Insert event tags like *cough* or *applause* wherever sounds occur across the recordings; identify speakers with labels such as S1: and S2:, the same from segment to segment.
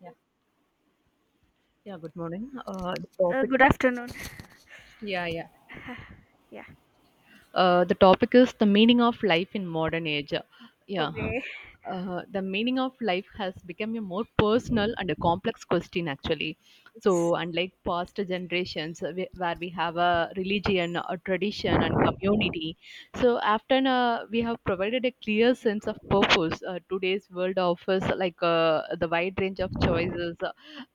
S1: Yeah. Yeah, good morning. The topic,
S2: Good afternoon.
S1: Yeah, yeah.
S2: Yeah.
S1: The topic is the meaning of life in modern age. Yeah,
S2: Okay.
S1: the meaning of life has become a more personal and a complex question actually.
S2: Yes,
S1: So, unlike past generations, where we have a religion, a tradition, and community, so often we have provided a clear sense of purpose. Today's world offers like the wide range of choices,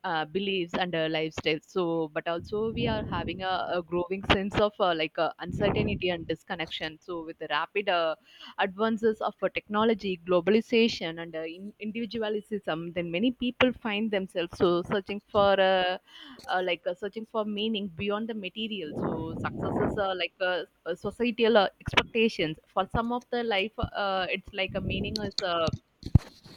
S1: beliefs and lifestyles. So, but also we are having a growing sense of uncertainty and disconnection. So, with the rapid advances of technology, globalization, and individualism, then many people find themselves so searching for searching for meaning beyond the material. So, success is societal expectations. For some of the life, it's like a meaning is.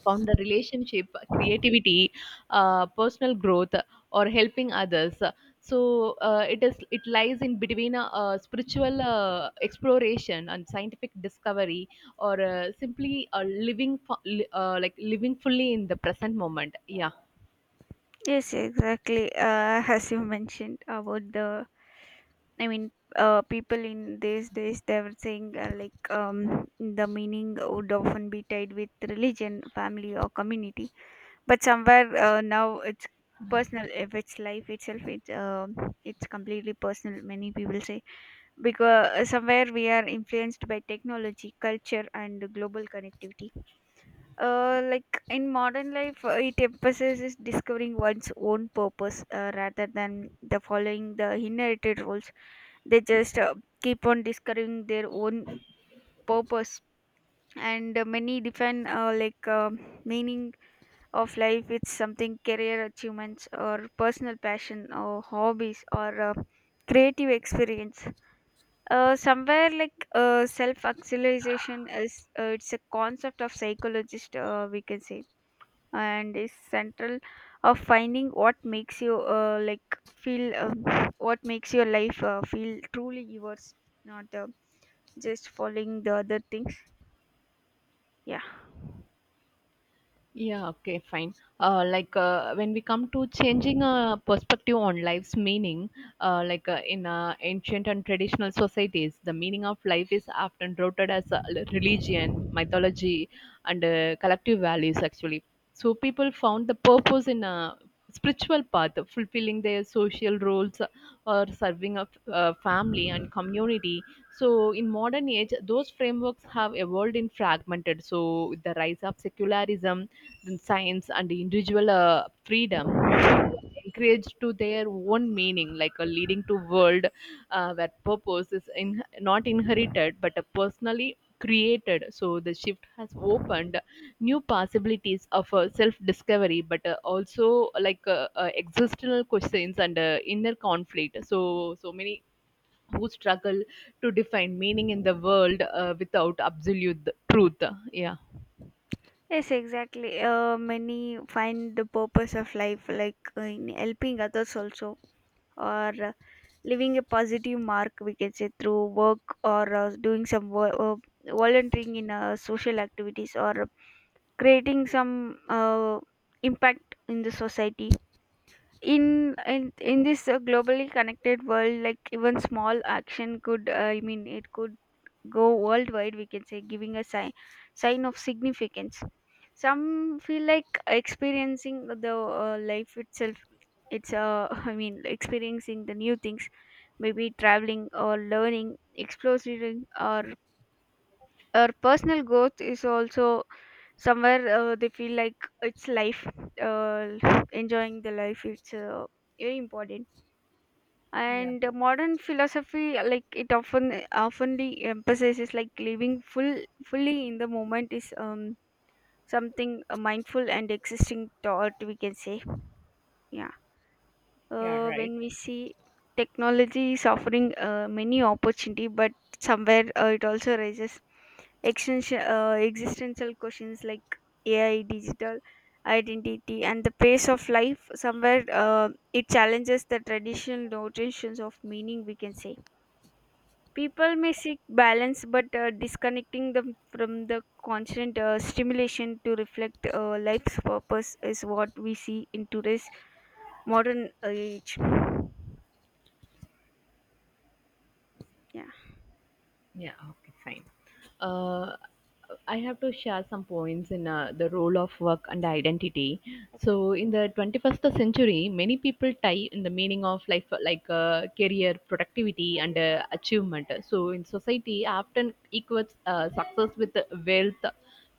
S1: Found the relationship, creativity, personal growth, or helping others. So it lies in between a spiritual exploration and scientific discovery, or simply a living fu- li- like living fully in the present moment, yeah.
S2: Yes, exactly. As you mentioned about I mean, people in these days they were saying like, the meaning would often be tied with religion, family, or community. But somewhere now it's personal, if it's life itself it it's completely personal, many people say, because somewhere we are influenced by technology culture and global connectivity. Like in modern life it emphasizes discovering one's own purpose rather than the following the inherited roles. They just keep on discovering their own purpose, and many define like, meaning of life, it's something career achievements or personal passion or hobbies or creative experience. Somewhere like self actualization is it's a concept of psychologist we can say, and is central of finding what makes you like feel what makes your life feel truly yours, not just following the other things. Yeah.
S1: Yeah, okay, fine. When we come to changing a perspective on life's meaning, like in ancient and traditional societies, the meaning of life is often rooted as religion, mythology, and collective values, actually. So people found the purpose in a spiritual path, fulfilling their social roles, or serving a family and community. So in modern age, those frameworks have evolved in fragmented. So with the rise of secularism, than science and individual freedom, more people are encouraged to their own meaning, like a leading to world where purpose is in, not inherited but personally created. So the shift has opened new possibilities of self-discovery, but also like existential questions and inner conflict. So many who struggle to define meaning in the world without absolute truth. Yeah.
S2: Yes, exactly. Many find the purpose of life like in helping others also, or leaving a positive mark, we can say, through work or doing some volunteering in social activities or creating some impact in the society. In this globally connected world, like even small action could I mean it could go worldwide, we can say, giving a sign, sign of significance. Some feel like experiencing the life itself. It's *laughs* I mean experiencing the new things, maybe traveling or learning, exploring, or personal growth is also. Somewhere they feel like it's life, uh, enjoying the life. It's very important.
S1: Yeah,
S2: And modern philosophy, like it often oftenly emphasizes like living full fully in the moment is something mindful and existing thought, we can say. Yeah.
S1: yeah, right.
S2: When we see technology is offering many opportunity, but somewhere it also raises existential questions like ai digital identity and the pace of life, somewhere it challenges the traditional notions of meaning, we can say. People may seek balance but disconnecting them from the constant stimulation to reflect life's purpose is what we see in today's modern age. Yeah.
S1: Yeah, okay, fine. Uh, I have to share some points in the role of work and identity. So, in the 21st century, many people tie in the meaning of life like career, productivity, and achievement. So, in society, often equates success with wealth,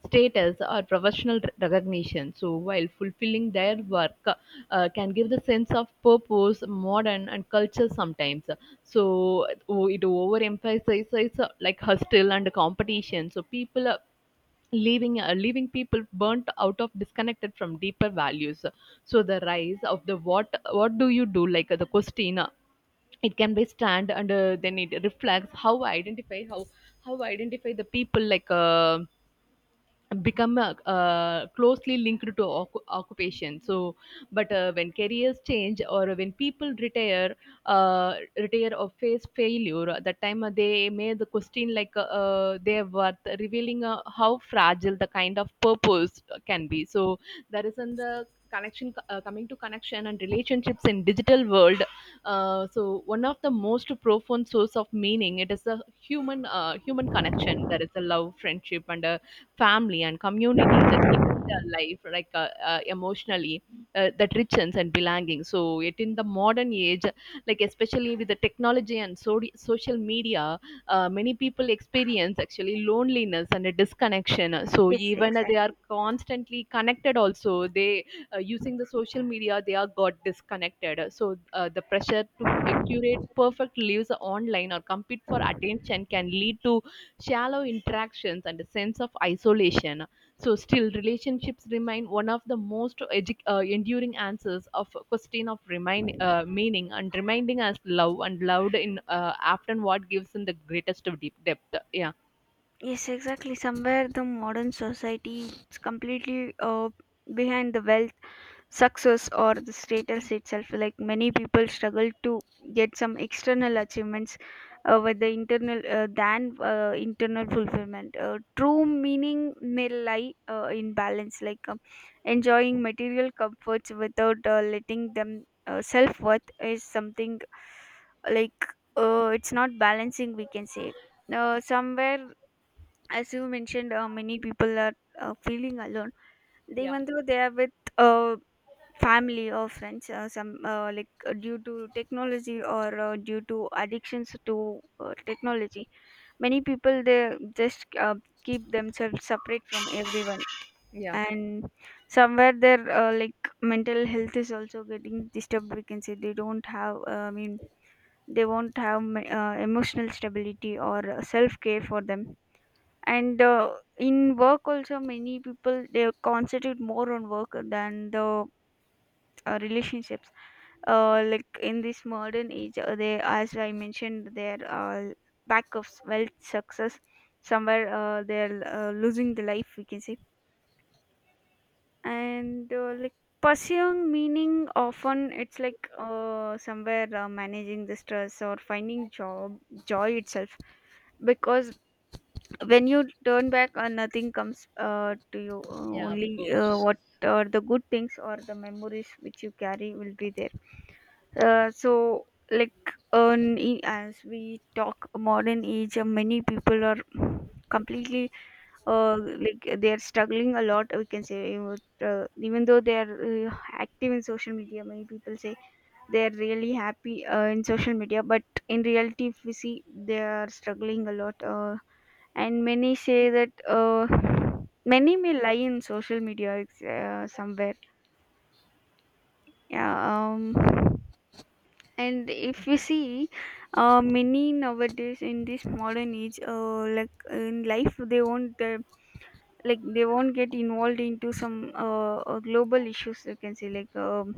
S1: status, or professional recognition. So while fulfilling their work, can give the sense of purpose, modern and culture sometimes. So oh, it overemphasizes like hustle and competition. So people leaving people burnt out of disconnected from deeper values. So the rise of the what do you do, like the question, it can be stand, and then it reflects how identify the people, like become closely linked to occupation. So but when careers change or when people retire, retire or face failure, at that time they may the question, like their worth revealing how fragile the kind of purpose can be. So there is in the connection, coming to connection and relationships in digital world. So one of the most profound source of meaning it is the human connection. There is a love, friendship, and family and community, that giving their life like emotionally, that richens and belonging. So it in the modern age, like especially with the technology and social media, many people experience actually loneliness and a disconnection. So
S2: Yes,
S1: even they are
S2: exactly.
S1: constantly connected also, they using the social media, they are got disconnected. So the pressure to curate perfect lives online or compete for attention can lead to shallow interactions and a sense of isolation. So, still, relationships remain one of the most enduring answers of a question of remain, meaning, and reminding us love and loved in often what gives in the greatest of deep depth. Yeah.
S2: Yes, exactly. Somewhere the modern society is completely behind the wealth, success or the status itself. Like many people struggle to get some external achievements with the internal fulfillment. True meaning may lie in balance, like enjoying material comforts without letting them self-worth is something like it's not balancing, we can say. Somewhere, as you mentioned many people are feeling alone. They,
S1: Yeah,
S2: even though they are with uh, family or friends, some like due to technology or due to addictions to technology, many people they just keep themselves separate from everyone.
S1: yeah,
S2: And somewhere their like mental health is also getting disturbed, we can say. They don't have I mean they won't have emotional stability or self care for them. And in work also, many people they concentrate more on work than the relationships. Like in this modern age, they, as I mentioned, their lack of wealth success, somewhere they're losing the life, we can say. And like, pursuing meaning often it's like somewhere managing the stress or finding job, joy itself. Because when you turn back nothing comes to you,
S1: yeah, of
S2: only
S1: course.
S2: what are the good things or the memories which you carry will be there. So like, as we talk modern age, many people are completely uh, like, they are struggling a lot, we can say. Even though they are active in social media, many people say they are really happy in social media, but in reality if we see they are struggling a lot. And many say that many may lie in social media somewhere. Yeah. And if you see, many nowadays in this modern age, like in life they won't like they won't get involved into some global issues, you can say. like um,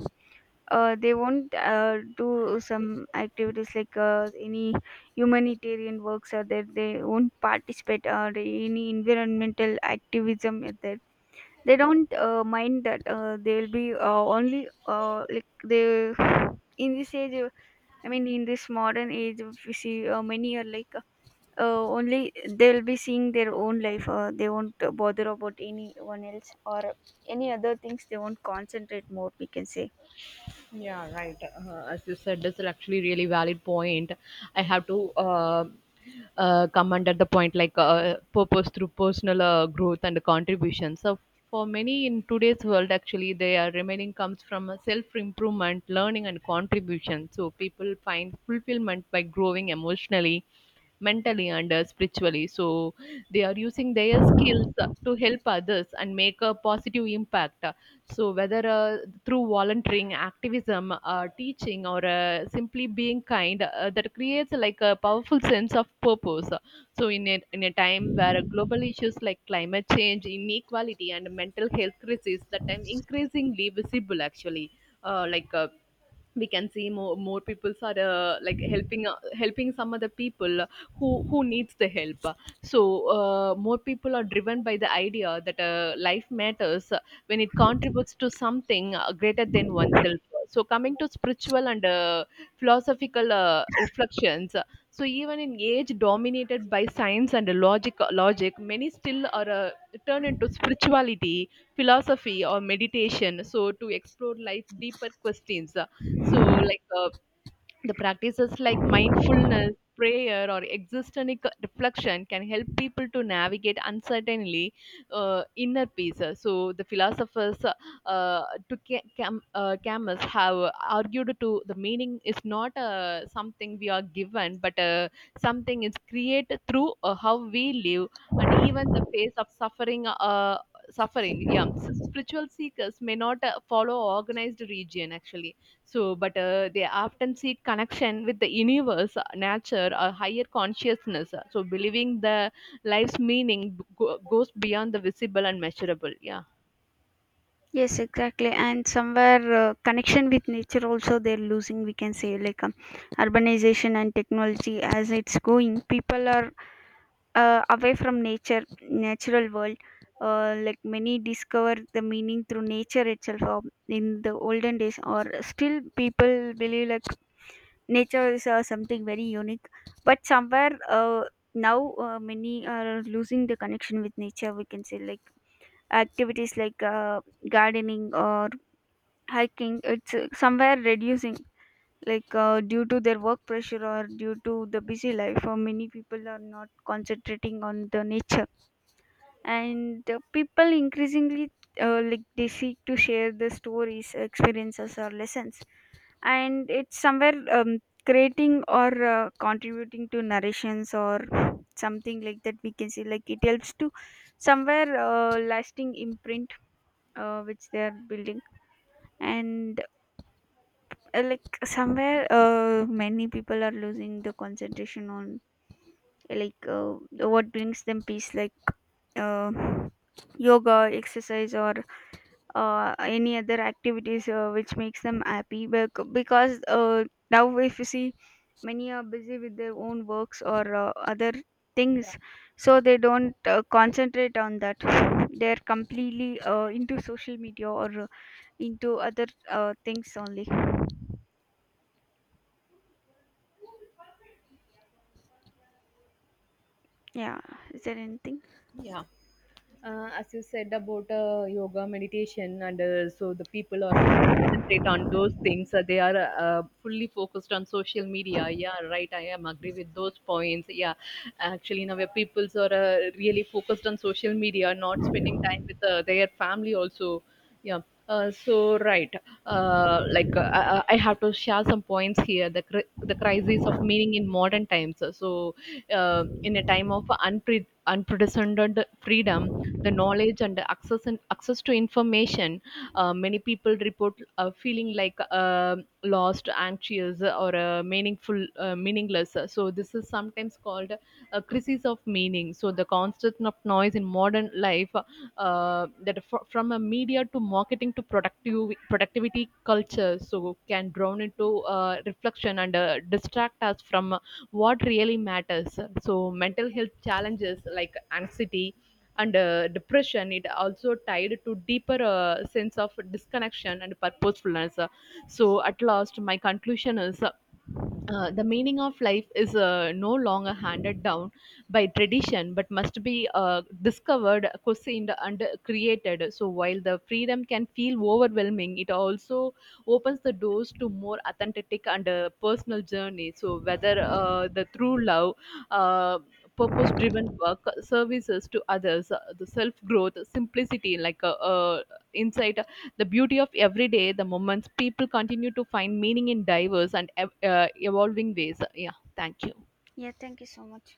S2: uh, They won't do some activities, like any humanitarian works are there, they won't participate, or any environmental activism is there, they don't mind that. They'll be only like they, in this age, I mean in this modern age, we see many are like only they'll be seeing their own life. They won't bother about anyone else or any other things, they won't concentrate more, we can say.
S1: Yeah, right. As you said, this is actually really valid point. I have to comment at the point like purpose through personal growth and contribution. So for many in today's world, actually, they are remaining comes from a self-improvement, learning, and contribution. So people find fulfillment by growing emotionally, mentally, and spiritually. So they are using their skills to help others and make a positive impact. So, whether through volunteering, activism, teaching, or simply being kind, that creates like a powerful sense of purpose. So, in a time where global issues like climate change, inequality, and mental health crisis that time increasingly visible, actually, uh, like. Uh, we can see more people are helping some other people who needs the help. So more people are driven by the idea that life matters when it contributes to something greater than oneself. So, coming to spiritual and philosophical reflections, so even in age dominated by science and logic, many still are turned into spirituality, philosophy, or meditation. So, to explore life deeper questions. So, like the practices like mindfulness, prayer, or existential reflection can help people to navigate uncertainly, inner peace. So the philosophers uh, Camus have argued to the meaning is not something we are given, but something is created through how we live and even the face of suffering. Spiritual seekers may not follow organized region actually. So, but they often seek connection with the universe, nature, or higher consciousness. So, believing the life's meaning goes beyond the visible and measurable. Yeah.
S2: Yes, exactly. And somewhere connection with nature also they're losing, we can say. Urbanization and technology, as it's going, people are away from nature, natural world. Like many discover the meaning through nature itself, or in the olden days or still people believe like nature is something very unique. But somewhere now many are losing the connection with nature, we can say. Like activities like gardening or hiking, it's somewhere reducing like due to their work pressure or due to the busy life, or many people are not concentrating on the nature. And people increasingly like, they seek to share their stories, experiences or lessons, and it's somewhere creating or contributing to narrations or something like that, we can see. Like it helps to somewhere lasting imprint which they are building. And like, somewhere many people are losing the concentration on like what brings them peace, like uh, yoga, exercise or any other activities which makes them happy, because now if you see, many are busy with their own works or other
S1: Yeah.
S2: things. So they don't concentrate on that. They're completely into social media or into other things only. Yeah. Is there anything?
S1: Yeah. As you said about yoga meditation and so the people are not concentrate on those things, they are fully focused on social media, yeah, right, I am agree with those points, yeah. Actually now where peoples are really focused on social media, not spending time with their family also, yeah. So right. Uh, like uh, I, I I have to share some points here, the, the crisis of meaning in modern times. So in a time of unpre- unprecedented freedom, the knowledge and access to information, many people report feeling like lost, anxious, or meaningful meaningless. So this is sometimes called a crisis of meaning. So the constant of noise in modern life, from a media to marketing to productive productivity culture, so can drown into reflection and distract us from what really matters. So mental health challenges like anxiety and depression, it also tied to deeper sense of disconnection and purposefulness. So at last my conclusion is the meaning of life is no longer handed down by tradition but must be discovered, questioned, and created. So, while the freedom can feel overwhelming, it also opens the doors to more authentic and personal journey. So, whether the through love, uh, purpose driven work, services to others, the self growth, simplicity, like insight, the beauty of everyday, the moments people continue to find meaning in diverse and evolving ways. Yeah, thank you.
S2: Yeah, thank you so much.